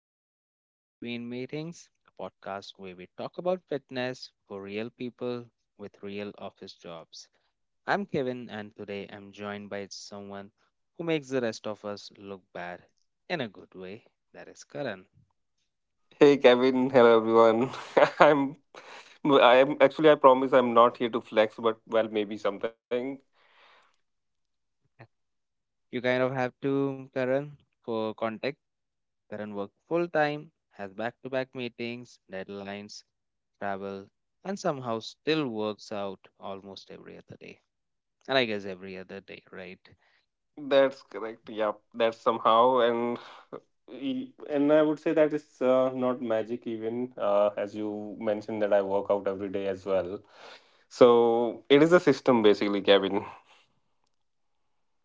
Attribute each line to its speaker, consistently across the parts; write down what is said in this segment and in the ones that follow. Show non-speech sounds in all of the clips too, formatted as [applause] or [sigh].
Speaker 1: welcome to Fit Between Meetings, a podcast where we talk about fitness for real people with real office jobs. I'm Kevin, and today I'm joined by someone who makes the rest of us look bad in a good way. That is Karan.
Speaker 2: Hey Kevin, hello everyone. [laughs] I'm I am actually, I promise I'm not here to flex, but well, maybe something.
Speaker 1: You kind of have to, Karan, for context. Karan works full time, has back to back meetings, deadlines, travel, and somehow still works out almost every other day. And I guess every other day, right?
Speaker 2: That's correct. Yeah, that's somehow. And and I would say that it's not magic even, as you mentioned, that I work out every day as well. So it is a system basically, Kevin.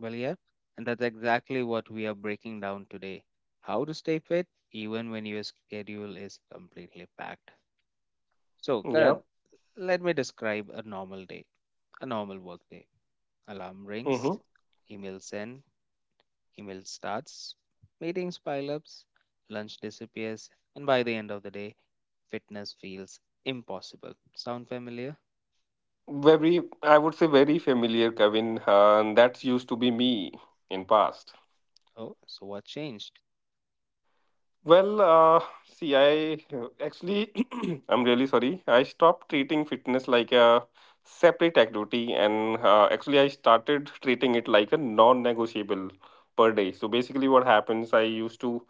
Speaker 1: Well, yeah, and that's exactly what we are breaking down today. How to stay fit even when your schedule is completely packed. So,
Speaker 2: Yeah.
Speaker 1: Karan, let me describe a normal day, a normal work day. Alarm rings,
Speaker 2: Mm-hmm.
Speaker 1: email send, email starts, meetings pile ups, lunch disappears, and by the end of the day, fitness feels impossible. Sound familiar?
Speaker 2: Very, I would say, very familiar, Kevin. And that's used to be me in past.
Speaker 1: Oh, so what changed?
Speaker 2: Well, see, actually, [clears throat] I'm really sorry. I stopped treating fitness like a separate activity, and actually, I started treating it like a non-negotiable per day. So basically, what happens? I used to,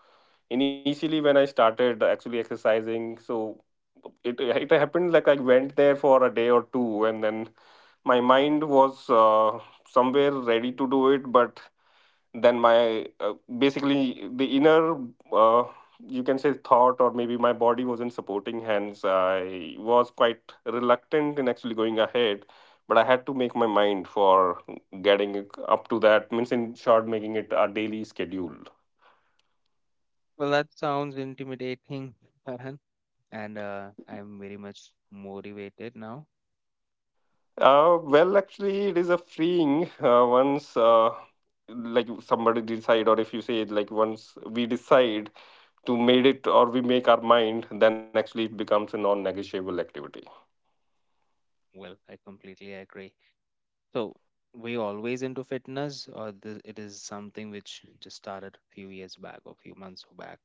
Speaker 2: initially when I started actually exercising, so it happened, like I went there for a day or two, and then my mind was somewhere ready to do it, but then my basically the inner uh, you can say thought, or maybe my body wasn't supporting, hence I was quite reluctant in actually going ahead. But I had to make my mind for getting it up to that, means in short, making it a daily schedule.
Speaker 1: Well, that sounds intimidating, Karan. And I'm very much motivated now.
Speaker 2: Well, actually it is a freeing, once, like somebody decide, or if you say it like, once we decide to made it, or we make our mind, then actually it becomes a non-negotiable activity.
Speaker 1: Well, I completely agree. So, were you always into fitness, or this, it is something which just started a few years back or few months back?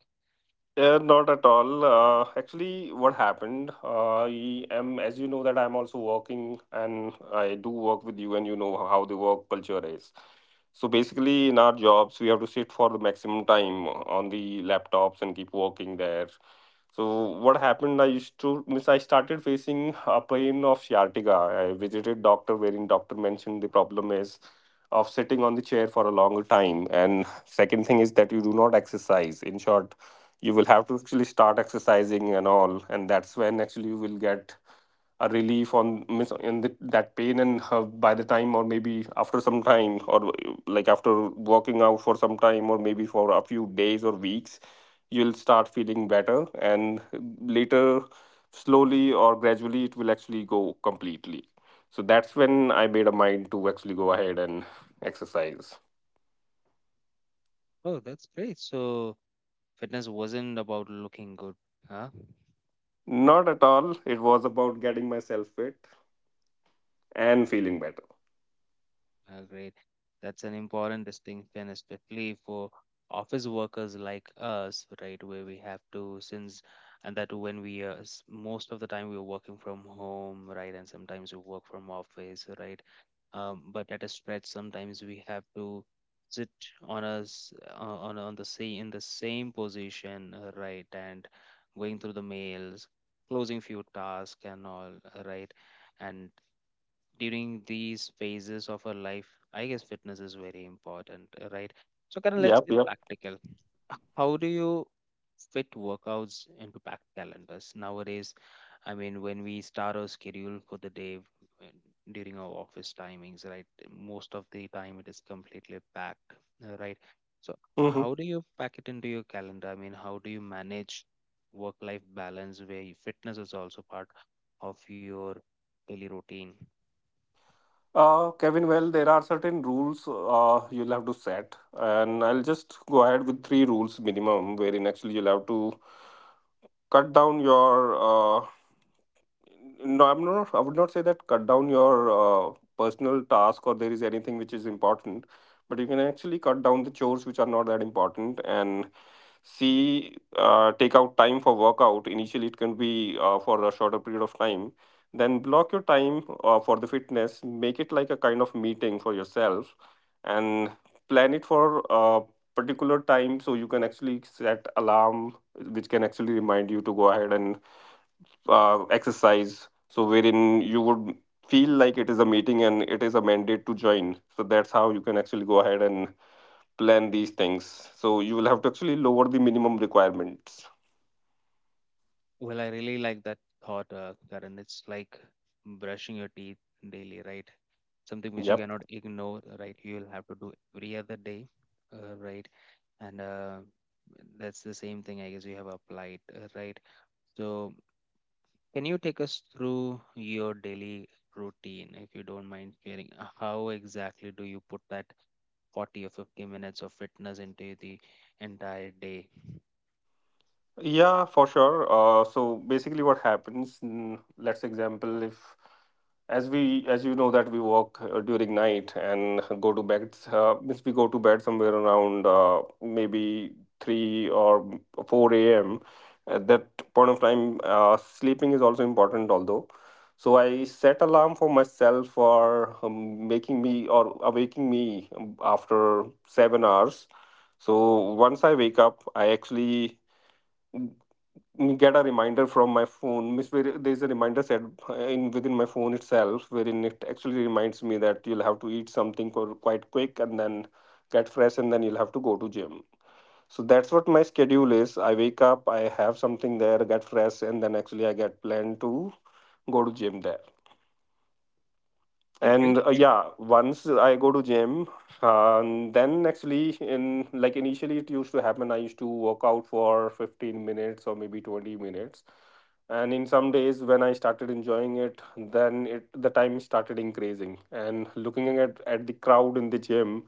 Speaker 2: Not at all. Actually, what happened? I am, as you know, that I'm also working, and I do work with you, and you know how the work culture is. So basically, in our jobs, we have to sit for the maximum time on the laptops and keep working there. So what happened? I used to miss. I started facing a pain of sciatica. I visited doctor, wherein doctor mentioned the problem is of sitting on the chair for a longer time. And second thing is that you do not exercise. In short, you will have to actually start exercising and all, and that's when actually you will get a relief on miss in the, that pain and have, by the time or maybe after some time, or like after working out for some time or maybe for a few days or weeks, you'll start feeling better. And later, slowly or gradually, it will actually go completely. So that's when I made a mind to actually go ahead and exercise.
Speaker 1: Oh, that's great. So, fitness wasn't about looking good, huh?
Speaker 2: Not at all. It was about getting myself fit and feeling better.
Speaker 1: Ah, great. That's an important distinction, especially for office workers like us, right? Where we have to, since, and that when we, s- most of the time we're working from home, right? And sometimes we work from office, right? But at a stretch, sometimes we have to sit on us on the same in the same position, right? And going through the mails, closing few tasks and all, right? And during these phases of our life, I guess fitness is very important, right. So kind of let's
Speaker 2: Yep,
Speaker 1: get
Speaker 2: yep.
Speaker 1: practical. How do you fit workouts into packed calendars nowadays? I mean, when we start our schedule for the day, uh, during our office timings, right, most of the time it is completely packed, right. So how
Speaker 2: Hmm.
Speaker 1: do you pack it into your calendar? I mean, how do you manage work life balance where your fitness is also part of your daily routine?
Speaker 2: Kevin, well, there are certain rules you'll have to set, and I'll just go ahead with three rules minimum, wherein actually you'll have to cut down your no, I'm not, I would not say that cut down your personal task or there is anything which is important, but you can actually cut down the chores which are not that important. And see, take out time for workout, initially it can be for a shorter period of time, then block your time for the fitness. Make it like a kind of meeting for yourself, and plan it for a particular time. So you can actually set alarm which can actually remind you to go ahead and exercise. So wherein you would feel like it is a meeting and it is a mandate to join. So that's how you can actually go ahead and plan these things. So you will have to actually lower the minimum requirements.
Speaker 1: Well, I really like that thought, Karan. It's like brushing your teeth daily, right? Something which you
Speaker 2: Yeah.
Speaker 1: cannot ignore, right? You'll have to do every other day, right? And that's the same thing, I guess, you have applied, right? So, can you take us through your daily routine, if you don't mind sharing? How exactly do you put that 40 or 50 minutes of fitness into the entire day?
Speaker 2: Yeah, for sure. So basically, what happens? Let's example, if as we as you know that we work during night and go to bed. Means we go to bed somewhere around maybe three or four a.m. At that point of time, sleeping is also important. Although, so I set alarm for myself for making me or awaking me after 7 hours. So once I wake up, I actually get a reminder from my phone miss, where there is a reminder set in within my phone itself, wherein it actually reminds me that you'll have to eat something for quite quick, and then get fresh, and then you'll have to go to gym. So that's what my schedule is. I wake up, I have something there, get fresh, and then actually I get planned to go to gym there.
Speaker 1: Okay, great.
Speaker 2: And yeah, once I go to gym, then actually in, like initially it used to happen, I used to work out for 15 minutes or maybe 20 minutes. And in some days when I started enjoying it, then it the time started increasing, and looking at the crowd in the gym,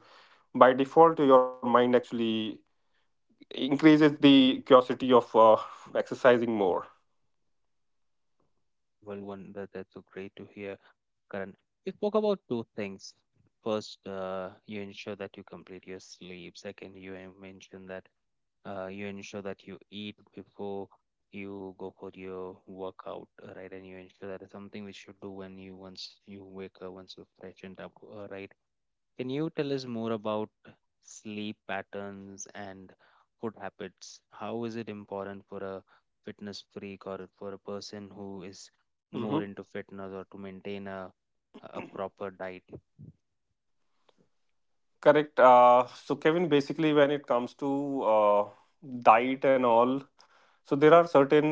Speaker 2: by default your mind actually increases the curiosity of exercising more.
Speaker 1: Well, one that, that's so great to hear. Karan, you spoke about two things. First, you ensure that you complete your sleep. Second, mentioned that you ensure that you eat before you go for your workout, right? And you ensure that is something we should do when you once you wake up, once you freshened up, right? Can you tell us more about sleep patterns and food habits? How is it important for a fitness freak or for a person who is
Speaker 2: Hmm.
Speaker 1: more into fitness or to maintain a proper diet?
Speaker 2: Correct. So Kevin, basically when it comes to diet and all, so there are certain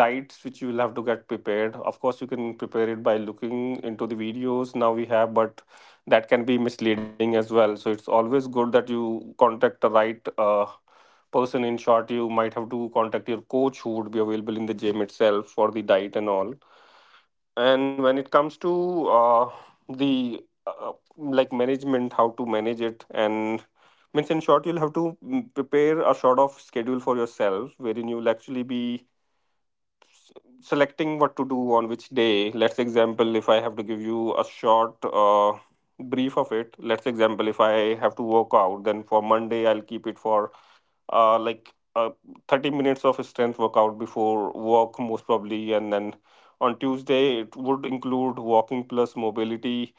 Speaker 2: diets which you will have to get prepared. Of course, you can prepare it by looking into the videos now we have, but that can be misleading as well. So it's always good that you contact the right person. In short, you might have to contact your coach who would be available in the gym itself for the diet and all. And when it comes to the like management, how to manage it, and means in short, you'll have to prepare a sort of schedule for yourself, wherein you'll actually be selecting what to do on which day. Let's example, if I have to give you a short brief of it, let's example, if I have to work out, then for Monday, I'll keep it for uh, like uh, 30 minutes of strength workout before work, most probably. And then on Tuesday, it would include walking plus mobility.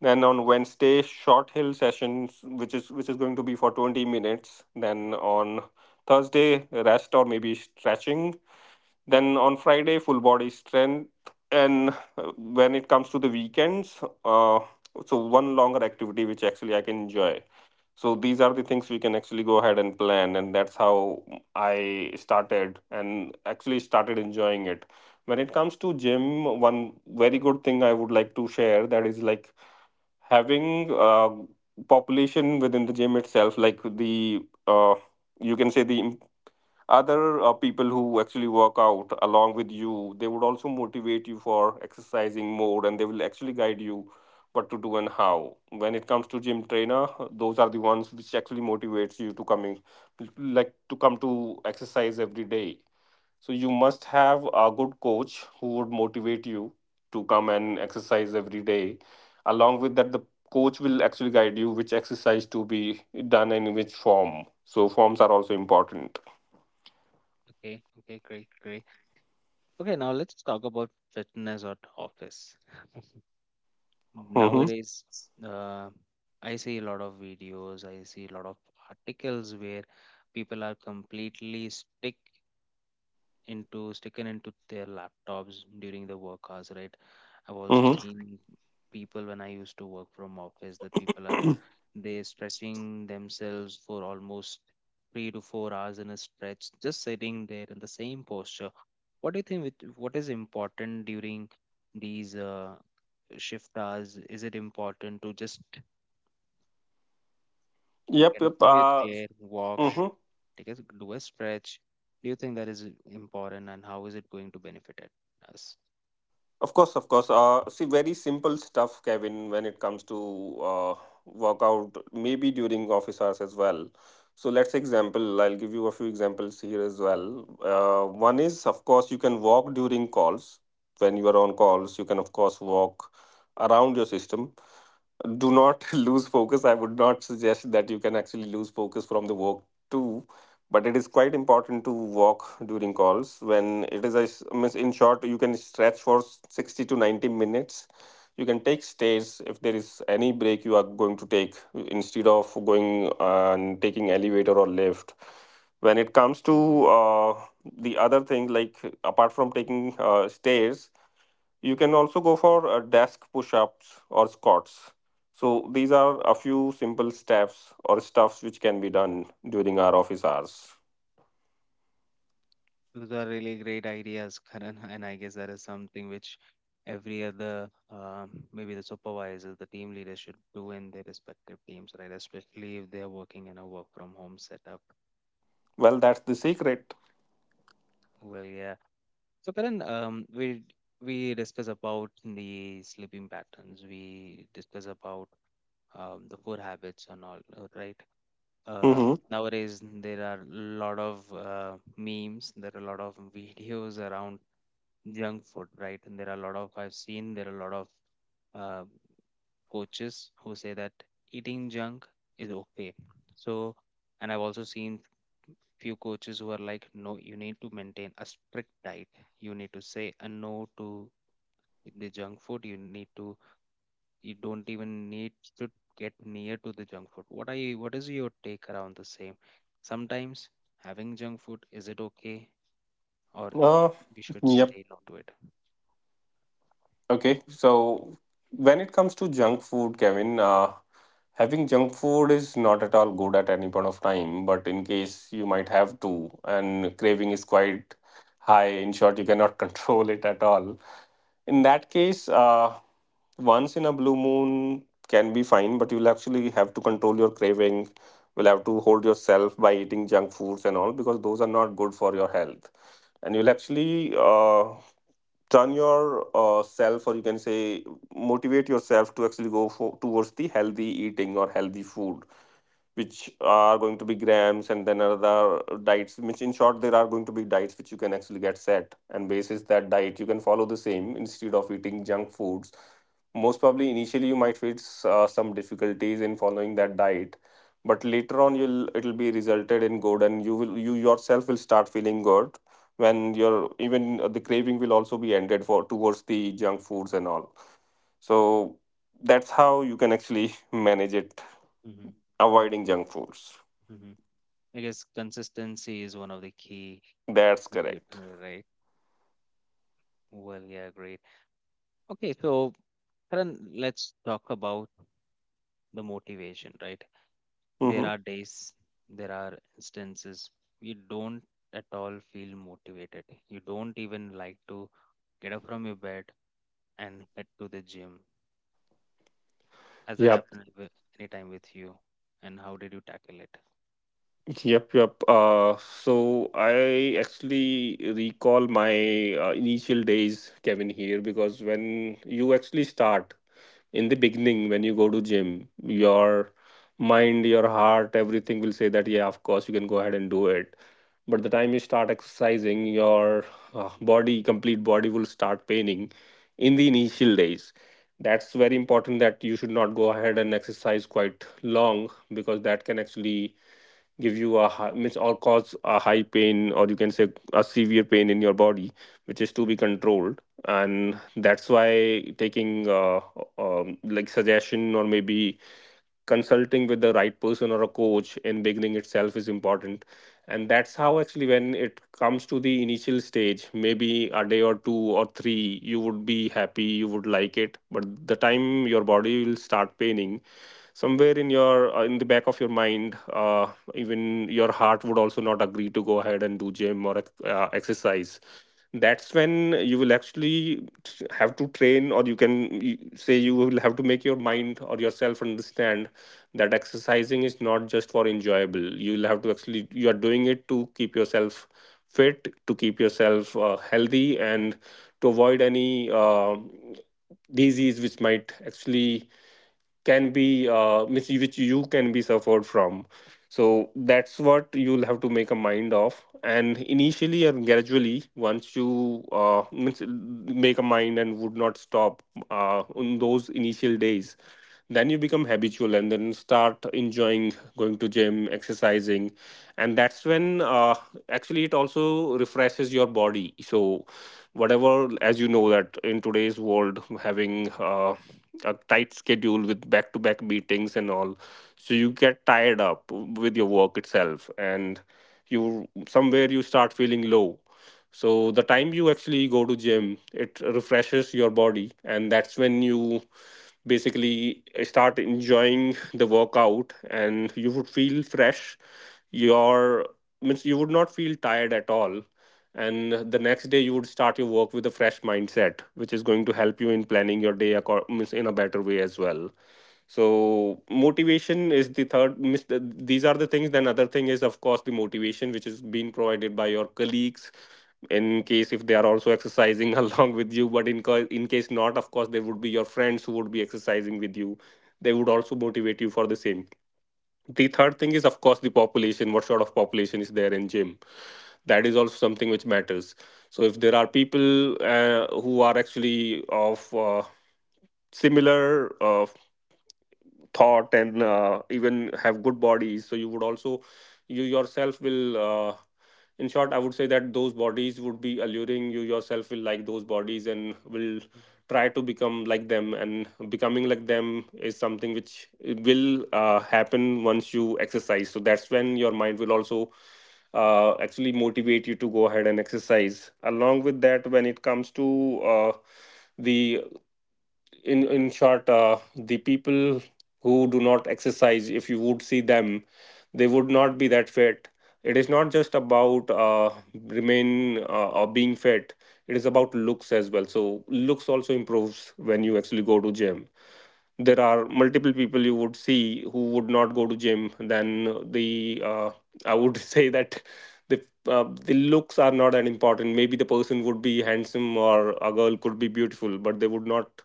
Speaker 2: Then on Wednesday, short hill sessions, which is going to be for 20 minutes. Then on Thursday, rest or maybe stretching. Then on Friday, full body strength. And when it comes to the weekends, so one longer activity which actually I can enjoy. So these are the things we can actually go ahead and plan. And that's how I started and actually started enjoying it. When it comes to gym, one very good thing I would like to share, that is like having population within the gym itself, like the uh, you can say the other people who actually work out along with you, they would also motivate you for exercising more, and they will actually guide you what to do and how. When it comes to gym trainer, those are the ones which actually motivates you to coming, like to come to exercise every day. So you must have a good coach who would motivate you to come and exercise every day. Along with that, the coach will actually guide you which exercise to be done and in which form. So forms are also important.
Speaker 1: Okay, okay, great, great. Okay, now let's talk about fitness at office.
Speaker 2: Hmm.
Speaker 1: Nowadays, uh, I see a lot of videos, I see a lot of articles where people are completely stick into sticking into their laptops during the work hours, right. I've also
Speaker 2: Mm-hmm.
Speaker 1: seen people when I used to work from office that people are they stretching themselves for almost 3 to 4 hours in a stretch just sitting there in the same posture. What do you think with, what is important during these shift hours? Is it important to just
Speaker 2: [clears throat] Yep,
Speaker 1: get up
Speaker 2: yep.
Speaker 1: from your chair, walk,
Speaker 2: Hmm.
Speaker 1: take a, do a stretch? Do you think that is important, and how is it going to benefit us?
Speaker 2: Of course, of course. See, very simple stuff, Kevin. When it comes to uh, workout, maybe during office hours as well. So let's example, I'll give you a few examples here as well. One is, of course, you can walk during calls. When you are on calls, you can, of course, walk around your system. Do not [laughs] lose focus. I would not suggest that you can actually lose focus from the work too, but it is quite important to walk during calls. When it is, a s- Means in short, you can stretch for 60 to 90 minutes. You can take stairs if there is any break you are going to take, instead of going and taking elevator or lift. When it comes to the other thing, like apart from taking stairs, you can also go for desk push ups or squats. So these are a few simple steps or stuffs which can be done during our office hours.
Speaker 1: Those are really great ideas, Karan, [laughs] and I guess that is something which every other, maybe the supervisors, the team leaders should do in their respective teams, right? Especially if they are working in a work from home setup.
Speaker 2: Well, that's the secret.
Speaker 1: Well, yeah. So, Karan, we discuss about the sleeping patterns. We discuss about the food habits and all, right? Uh,
Speaker 2: Mm-hmm.
Speaker 1: nowadays there are a lot of memes. There are a lot of [laughs] videos around junk food, right? And there are a lot of, I've seen there are a lot of uh, coaches who say that eating junk is okay. So, and I've also seen few coaches who are like, no, you need to maintain a strict diet. You need to say a no to the junk food. You need to, you don't even need to get near to the junk food. What are you, what is your take around the same? Sometimes having junk food, is it okay? Or
Speaker 2: Uh,
Speaker 1: we should
Speaker 2: yep.
Speaker 1: say no to it.
Speaker 2: Okay. So when it comes to junk food, Kevin, having junk food is not at all good at any point of time, but in case you might have to, and craving is quite high, in short, you cannot [laughs] control it at all. In that case, once in a blue moon can be fine, but you'll actually have to control your craving. Will have to hold yourself by eating junk foods and all, because those are not good for your health, and you'll actually turn your self, or you can say motivate yourself to actually go for towards the healthy eating or healthy food which are going to be grams, and then other diets which in short there are going to be diets which you can actually get set, and basis that diet you can follow the same instead of eating junk foods. Most probably initially you might face some difficulties in following that diet, but later on you'll it'll be resulted in good and you yourself will start feeling good when your even the craving will also be ended for towards the junk foods and all. So that's how you can actually [laughs] manage it.
Speaker 1: Mm-hmm.
Speaker 2: Avoiding junk foods.
Speaker 1: I guess consistency is one of the key,
Speaker 2: That's
Speaker 1: attribute,
Speaker 2: correct.
Speaker 1: right? Well, yeah, great. Okay, so Karan, let's talk about the motivation, right? There
Speaker 2: Hmm.
Speaker 1: are days, there are instances you don't at all feel motivated. You don't even like to get up from your bed and head to the gym. Has that
Speaker 2: Yep,
Speaker 1: happened anytime with you? And how did you tackle it?
Speaker 2: yep, yep. So I actually recall my initial days, Kevin, here because when you actually start, in the beginning when you go to gym, your mind, your heart, everything will say that yeah, of course you can go ahead and do it. But the time you start exercising your body complete body will start paining in the initial days. That's very important, that you should not go ahead and exercise quite long, because that can actually give you a high, means, or cause a high pain, or you can say a severe pain in your body which is to be controlled. And that's why taking like suggestion, or maybe consulting with the right person or a coach in beginning itself is important. And that's how actually when it comes to the initial stage, maybe a day or two or three, you would be happy, you would like it, but the time your body will start paining, somewhere in your in the back of your mind, even your heart would also not agree to go ahead and do gym or exercise. That's when you will actually have to train, or you can say you will have to make your mind or yourself understand that exercising is not just for enjoyable. You'll have to actually, you are doing it to keep yourself fit, to keep yourself healthy, and to avoid any disease which might actually can be which you can be suffered from. So that's what you'll have to make a mind of, and initially and gradually once you means make a mind and would not stop on those initial days, then you become habitual and then start enjoying going to gym exercising. And that's when actually it also refreshes your body. So whatever, as you know that in today's world having a tight schedule with back to back meetings and all, so you get tied up with your work itself, and you somewhere you start feeling low. So the time you actually go to gym, it refreshes your body, and that's when you basically start enjoying the workout and you would feel fresh. Your, means, you would not feel tired at all. And the next day you would start your work with a fresh mindset which is going to help you in planning your day means in a better way as well. So motivation is the third these are the things. Then other thing is of course the motivation which is being provided by your colleagues in case if they are also exercising [laughs] along with you. But in case not, of course there would be your friends who would be exercising with you. They would also motivate you for the same. The third thing is of course the population. What sort of population is there in gym, that is also something which matters. So if there are people who are actually of similar thought and even have good bodies, so you would also, you yourself will in short I would say that those bodies would be alluring, you yourself will like those bodies and will try to become like them, and becoming like them is something which will happen once you exercise. So that's when your mind will also actually motivate you to go ahead and exercise. Along with that, when it comes to the in short the people who do not exercise, if you would see them, they would not be that fit. It is not just about remain or being fit, it is about looks as well. So looks also improves when you actually go to gym. There are multiple people you would see who would not go to gym. Then the I would [laughs] say that the the looks are not that important. Maybe the person would be handsome or a girl could be beautiful, but they would not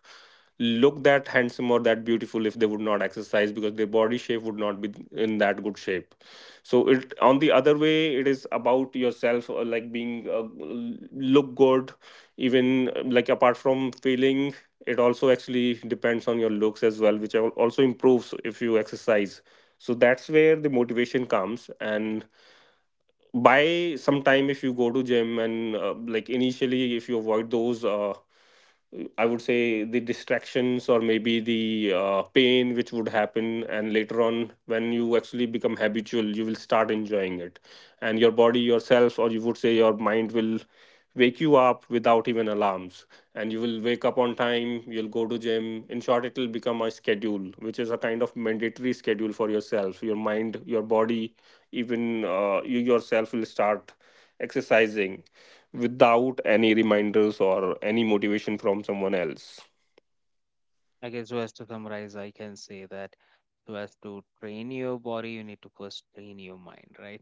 Speaker 2: look that handsome or that beautiful if they would not exercise, because their body shape would not be in that good shape. So it, on the other way, it is about yourself like being look good, even like apart from feeling, it also actually depends on your looks as well, which also improves if you exercise. So that's where the motivation comes. And by some time, if you go to gym and like initially if you avoid those I would say the distractions, or maybe the pain which would happen, and later on, when you actually become habitual, you will start enjoying it. And your body, yourself, or you would say your mind will wake you up without even alarms, and you will wake up on time. You'll go to gym. In short, it will become a schedule, which is a kind of mandatory schedule for yourself, your mind, your body, even you yourself will start exercising without any reminders or any motivation from someone else.
Speaker 1: I guess, so as to summarize, I can say that so as to train your body, you need to first train your mind, right?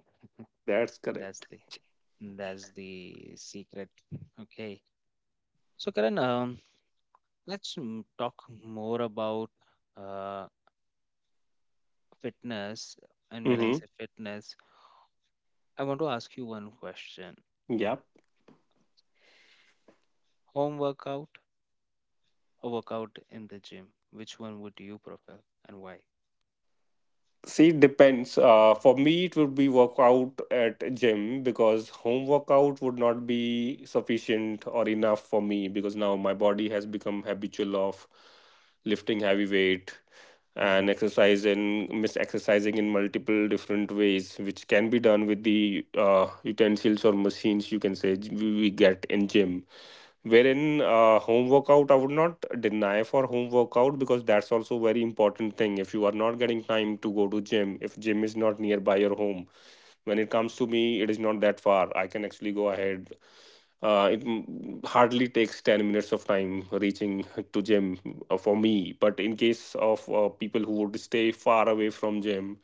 Speaker 2: That's
Speaker 1: That's
Speaker 2: correct.
Speaker 1: the that's the secret. Okay. So, Karan, let's talk more about uh, fitness. And when I
Speaker 2: Mm-hmm.
Speaker 1: say fitness, I want to ask you one question:
Speaker 2: Yep.
Speaker 1: home workout or workout in the gym? Which one would you prefer, and why?
Speaker 2: See, it depends. For me, it would be workout at gym because home workout would not be sufficient or enough for me, because now my body has become habitual of lifting heavy weight and
Speaker 1: Mm-hmm.
Speaker 2: exercise in mis exercising in multiple different ways, which can be done with the utensils or machines, you can say, we get in gym. Wherein home workout, I would not deny for home workout, because that's also very important thing if you are not getting time to go to gym, if gym is not nearby your home. When it comes to me, it is not that far, I can actually go ahead. It hardly takes 10 minutes of time reaching [laughs] to gym for me. But in case of people who would stay far away from gym,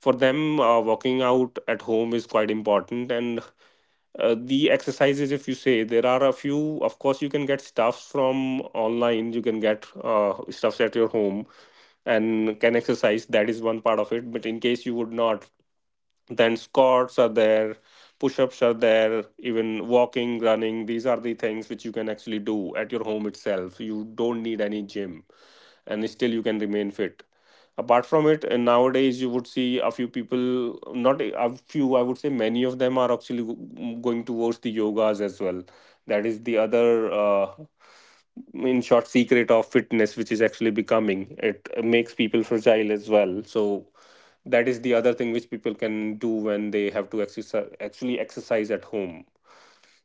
Speaker 2: for them walking out at home is quite important. And the exercises, if you say there are a few, of course you can get stuffs from online, you can get stuffs at your home and can exercise. That is one part of it. But in case you would not, then squats are there, push-ups are there, even walking, running, these are the things which you can actually do at your home itself. You don't need any gym, and still you can remain fit. Apart from it, and nowadays you would see a few people, not a few, I would say many of them are actually going towards the yogas as well. That is the other in short secret of fitness which is actually becoming, it makes people fragile as well. So that is the other thing which people can do when they have to exercise, actually exercise at home.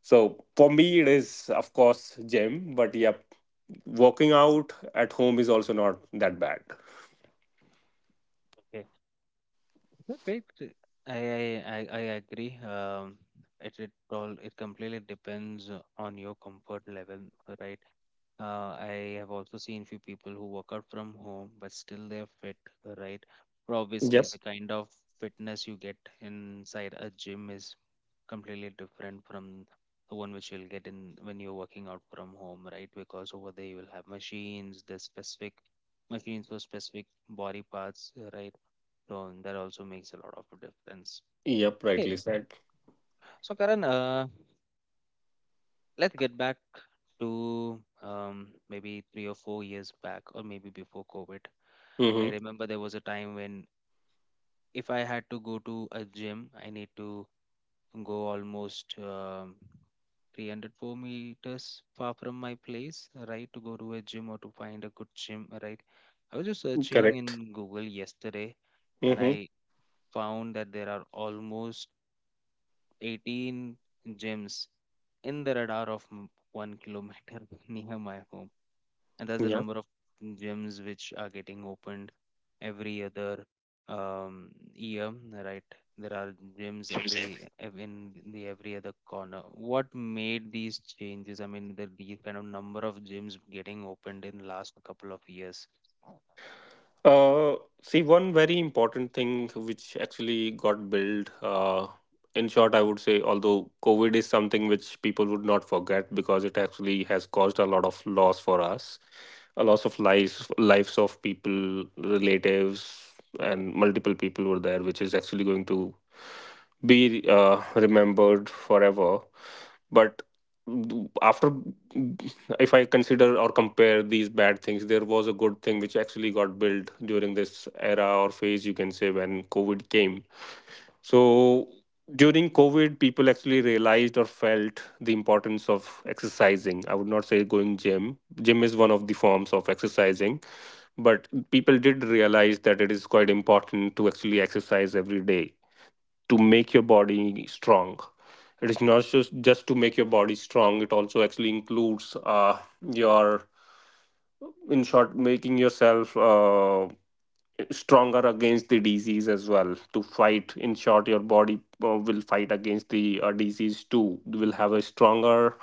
Speaker 2: So for me it is of course gym, but yep, working out at home is also not that bad.
Speaker 1: Okay, I agree. It all it completely depends on your comfort level, right? I have also seen few people who work out from home, but still they're fit, right? But obviously,
Speaker 2: Yep.
Speaker 1: the kind of fitness you get inside a gym is completely different from the one which you'll get in when you're working out from home, right? Because over there you will have machines, the specific machines for specific body parts, right? So and that also makes a lot of difference.
Speaker 2: Yep. Rightly
Speaker 1: Okay,
Speaker 2: said.
Speaker 1: so Karan, let's get back to maybe 3 or 4 years back, or maybe before COVID. I
Speaker 2: Mm-hmm.
Speaker 1: remember there was a time when if I had to go to a gym, I need to go almost 300 4 meters far from my place, right, to go to a gym or to find a good gym, right? I was just searching
Speaker 2: Correct.
Speaker 1: in Google yesterday, and
Speaker 2: Mm-hmm.
Speaker 1: I found that there are almost 18 gyms in the radar of 1 kilometer [laughs] near my home. And that's the
Speaker 2: Yeah.
Speaker 1: number of gyms which are getting opened every other year, right? There are gyms every in the every other corner. What made these changes? I mean, the these kind of number of gyms getting opened in last couple of years.
Speaker 2: Uh, see, one very important thing which actually got built. In short, I would say, although COVID is something which people would not forget because it actually has caused a lot of loss for us, a loss of lives, lives of people, relatives, and multiple people were there, which is actually going to be remembered forever. But after, if I consider or compare these bad things, there was a good thing which actually got built during this era or phase, you can say, when COVID came. So during COVID, people actually realized or felt the importance of exercising. I would not say going gym. Gym is one of the forms of exercising, but people did realize that it is quite important to actually exercise every day to make your body strong. It is not just to make your body strong. It also actually includes your, in short, making yourself stronger against the disease as well. To fight, in short, your body will fight against the disease too. You will have a stronger,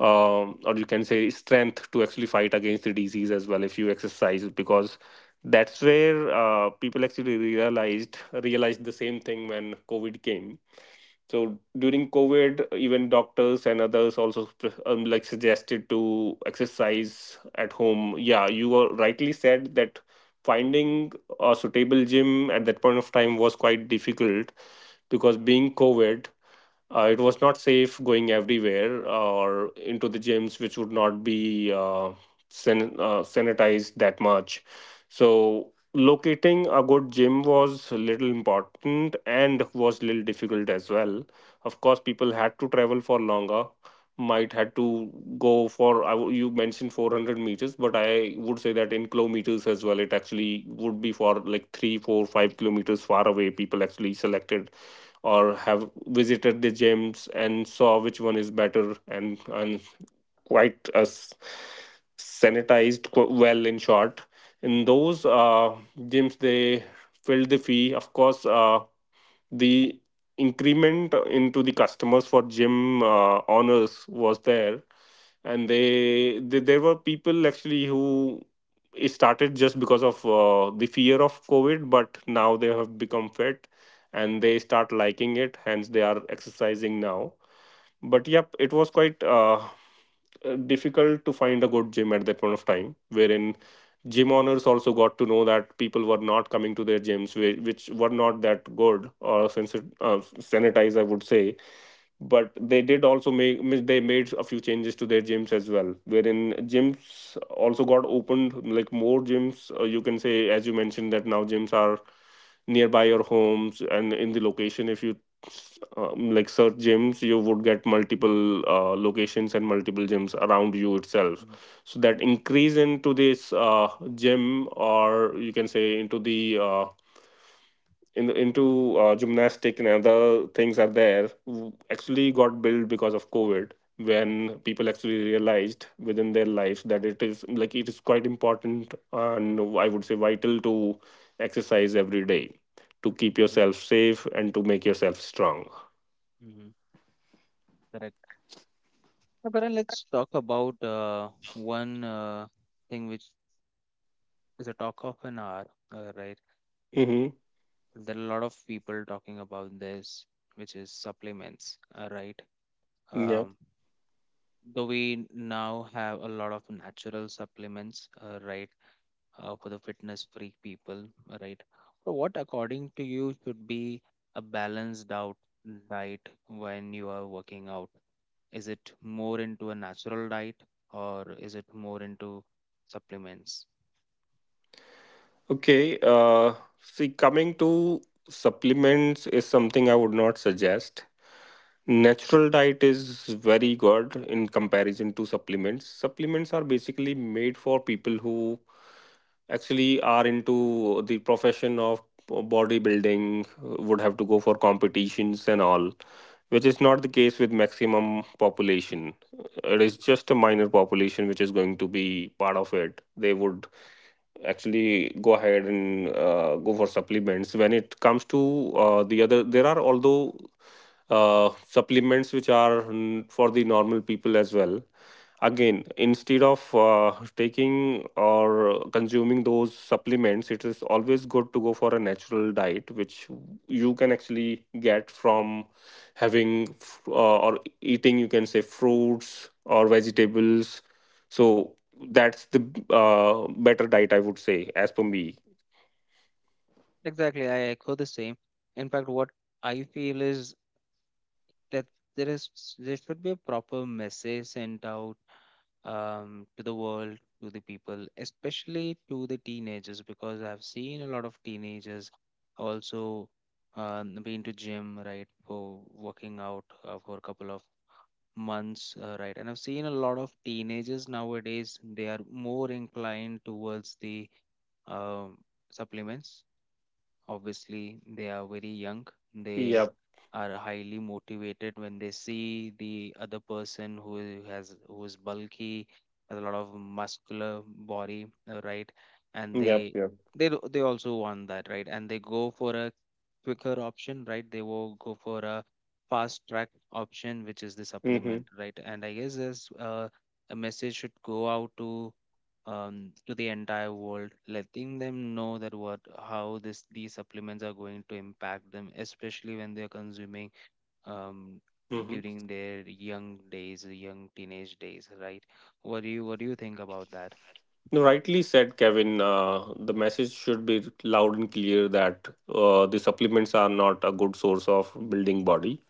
Speaker 2: or you can say, strength to actually fight against the disease as well if you exercise. Because that's where people actually realized the same thing when COVID came. So during COVID, even doctors and others also like suggested to exercise at home. Yeah, you were rightly said that finding a suitable gym at that point of time was quite difficult because being COVID, it was not safe going everywhere or into the gyms, which would not be sanitized that much. So, locating a good gym was a little important and was little difficult as well. Of course, people had to travel for longer, might had to go for, you mentioned 400 meters, but I would say that in kilometers as well, it actually would be for like 3, 4, 5 kilometers far away. People actually selected or have visited the gyms and saw which one is better and quite sanitized, well, in short, in those gyms they filled the fee, of course. The increment into the customers for gym owners was there, and they there were people actually who it started just because of the fear of COVID, but now they have become fit and they start liking it, hence they are exercising now. But yep, it was quite difficult to find a good gym at that point of time, wherein gym owners also got to know that people were not coming to their gyms which were not that good or sanitized, I would say. But they did also make they made a few changes to their gyms as well, wherein gyms also got opened, like more gyms, you can say. As you mentioned, that now gyms are nearby your homes, and in the location, if you like, search gyms, you would get multiple locations and multiple gyms around you itself. So that increase into this gym, or you can say into the into gymnastic and other things are there, actually got built because of COVID, when people actually realized within their lives that it is like it is quite important, and I would say vital, to exercise every day to keep
Speaker 1: Mm-hmm.
Speaker 2: yourself safe and to make yourself strong.
Speaker 1: Hmm. Correct. Now, Karan, let's talk about one thing which the talk of an hour, right?
Speaker 2: Mm-hmm.
Speaker 1: There are a lot of people talking about this, which is supplements, right?
Speaker 2: Yeah.
Speaker 1: Um, though we now have a lot of natural supplements, right, for the fitness freak people, right? So, what according to you should be a balanced out diet when you are working out? Is it more into a natural diet or is it more into supplements?
Speaker 2: Okay. See, coming to supplements, is something I would not suggest. Natural diet is very good in comparison to supplements. Supplements are basically made for people who actually are into the profession of bodybuilding, would have to go for competitions and all, which is not the case with maximum population. It is just a minor population which is going to be part of it. They would actually go ahead and go for supplements. When it comes to the other, there are, although supplements which are, for the normal people as well. Again, instead of taking or consuming those supplements, it is always good to go for a natural diet, which you can actually get from having or eating, you can say, fruits or vegetables. So that's the better diet, I would say, as per me.
Speaker 1: Exactly, I echo the same. In fact, what I feel is that there is there should be a proper message sent out to the world, to the people, especially to the teenagers because I've seen a lot of teenagers also been to gym, right, for working out, for a couple of months, right. And I've seen a lot of teenagers nowadays they are more inclined towards the um supplements. Obviously they are very young, they
Speaker 2: Yep,
Speaker 1: are highly motivated when they see the other person who has who is bulky, has a lot of muscular body, right. And
Speaker 2: yep,
Speaker 1: they
Speaker 2: yep.
Speaker 1: they also want that, right. And they go for a quicker option, right, they will go for a fast track option which is the
Speaker 2: Mm-hmm.
Speaker 1: supplement, right. And I guess this a message should go out to the entire world, letting them know that what how this these supplements are going to impact them, especially when they are consuming, um, during their young days, young teenage days, right? What do you think about that?
Speaker 2: No, rightly said, Kevin. The message should be loud and clear that the supplements are not a good source of building body.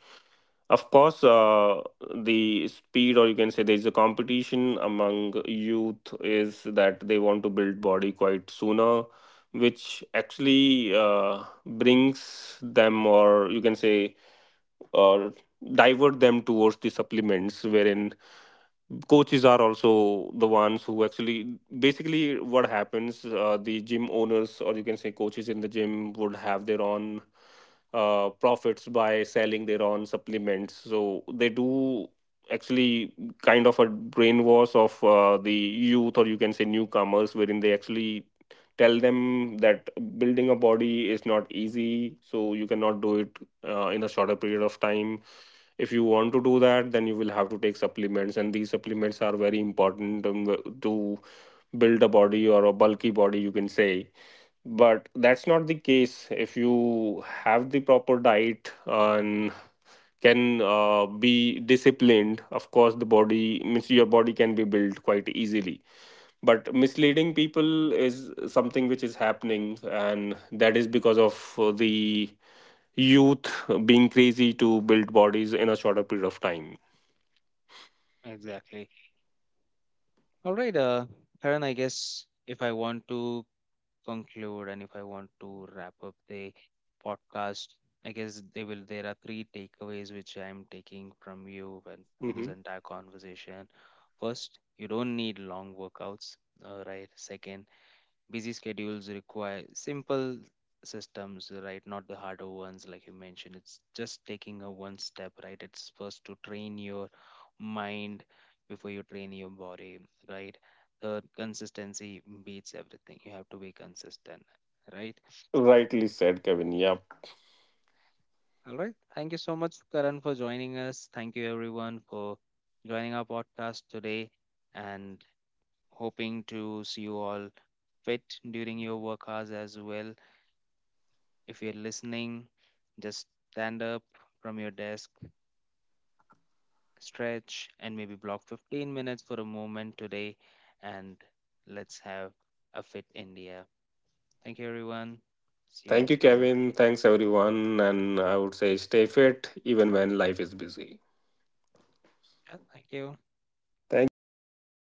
Speaker 2: Of course, the speed, or you can say there is a competition among youth, is that they want to build body quite sooner, which actually brings them, or you can say, or divert them towards the supplements, wherein coaches are also the ones who actually, basically, what happens, the gym owners, or you can say coaches in the gym, would have their own profits by selling their own supplements. So they do actually kind of a brainwash of the youth, or you can say newcomers, wherein they actually tell them that building a body is not easy, so you cannot do it in a shorter period of time. If you want to do that, then you will have to take supplements, and these supplements are very important to build a body or a bulky body, you can say. But that's not the case. If you have the proper diet and can be disciplined, of course, the body, means your body, can be built quite easily. But misleading people is something which is happening, and that is because of the youth being crazy to build bodies in a shorter period of time.
Speaker 1: Exactly. All right, Karan, I guess if I want to conclude and if I want to wrap up the podcast, I guess they will there are three takeaways which I'm taking from you and to this
Speaker 2: Hmm.
Speaker 1: entire conversation. First, you don't need long workouts. All right. Second, busy schedules require simple systems, right, not the harder ones, like you mentioned, it's just taking a one step, right, it's first to train your mind before you train your body, right. The consistency beats everything. You have to be consistent, right.
Speaker 2: Rightly said, Kevin. Yep.
Speaker 1: All right, thank you so much Karan for joining us. Thank you everyone for joining our podcast today. And hoping to see you all fit during your work hours as well. If you're listening, just stand up from your desk, stretch, and maybe block 15 minutes for a moment today. And let's have a fit India. Thank you, everyone. See you next
Speaker 2: Thank you,
Speaker 1: time.
Speaker 2: Kevin. Thanks, everyone. And I would say stay fit even when life is busy.
Speaker 1: Yeah, thank you.
Speaker 2: Thank you.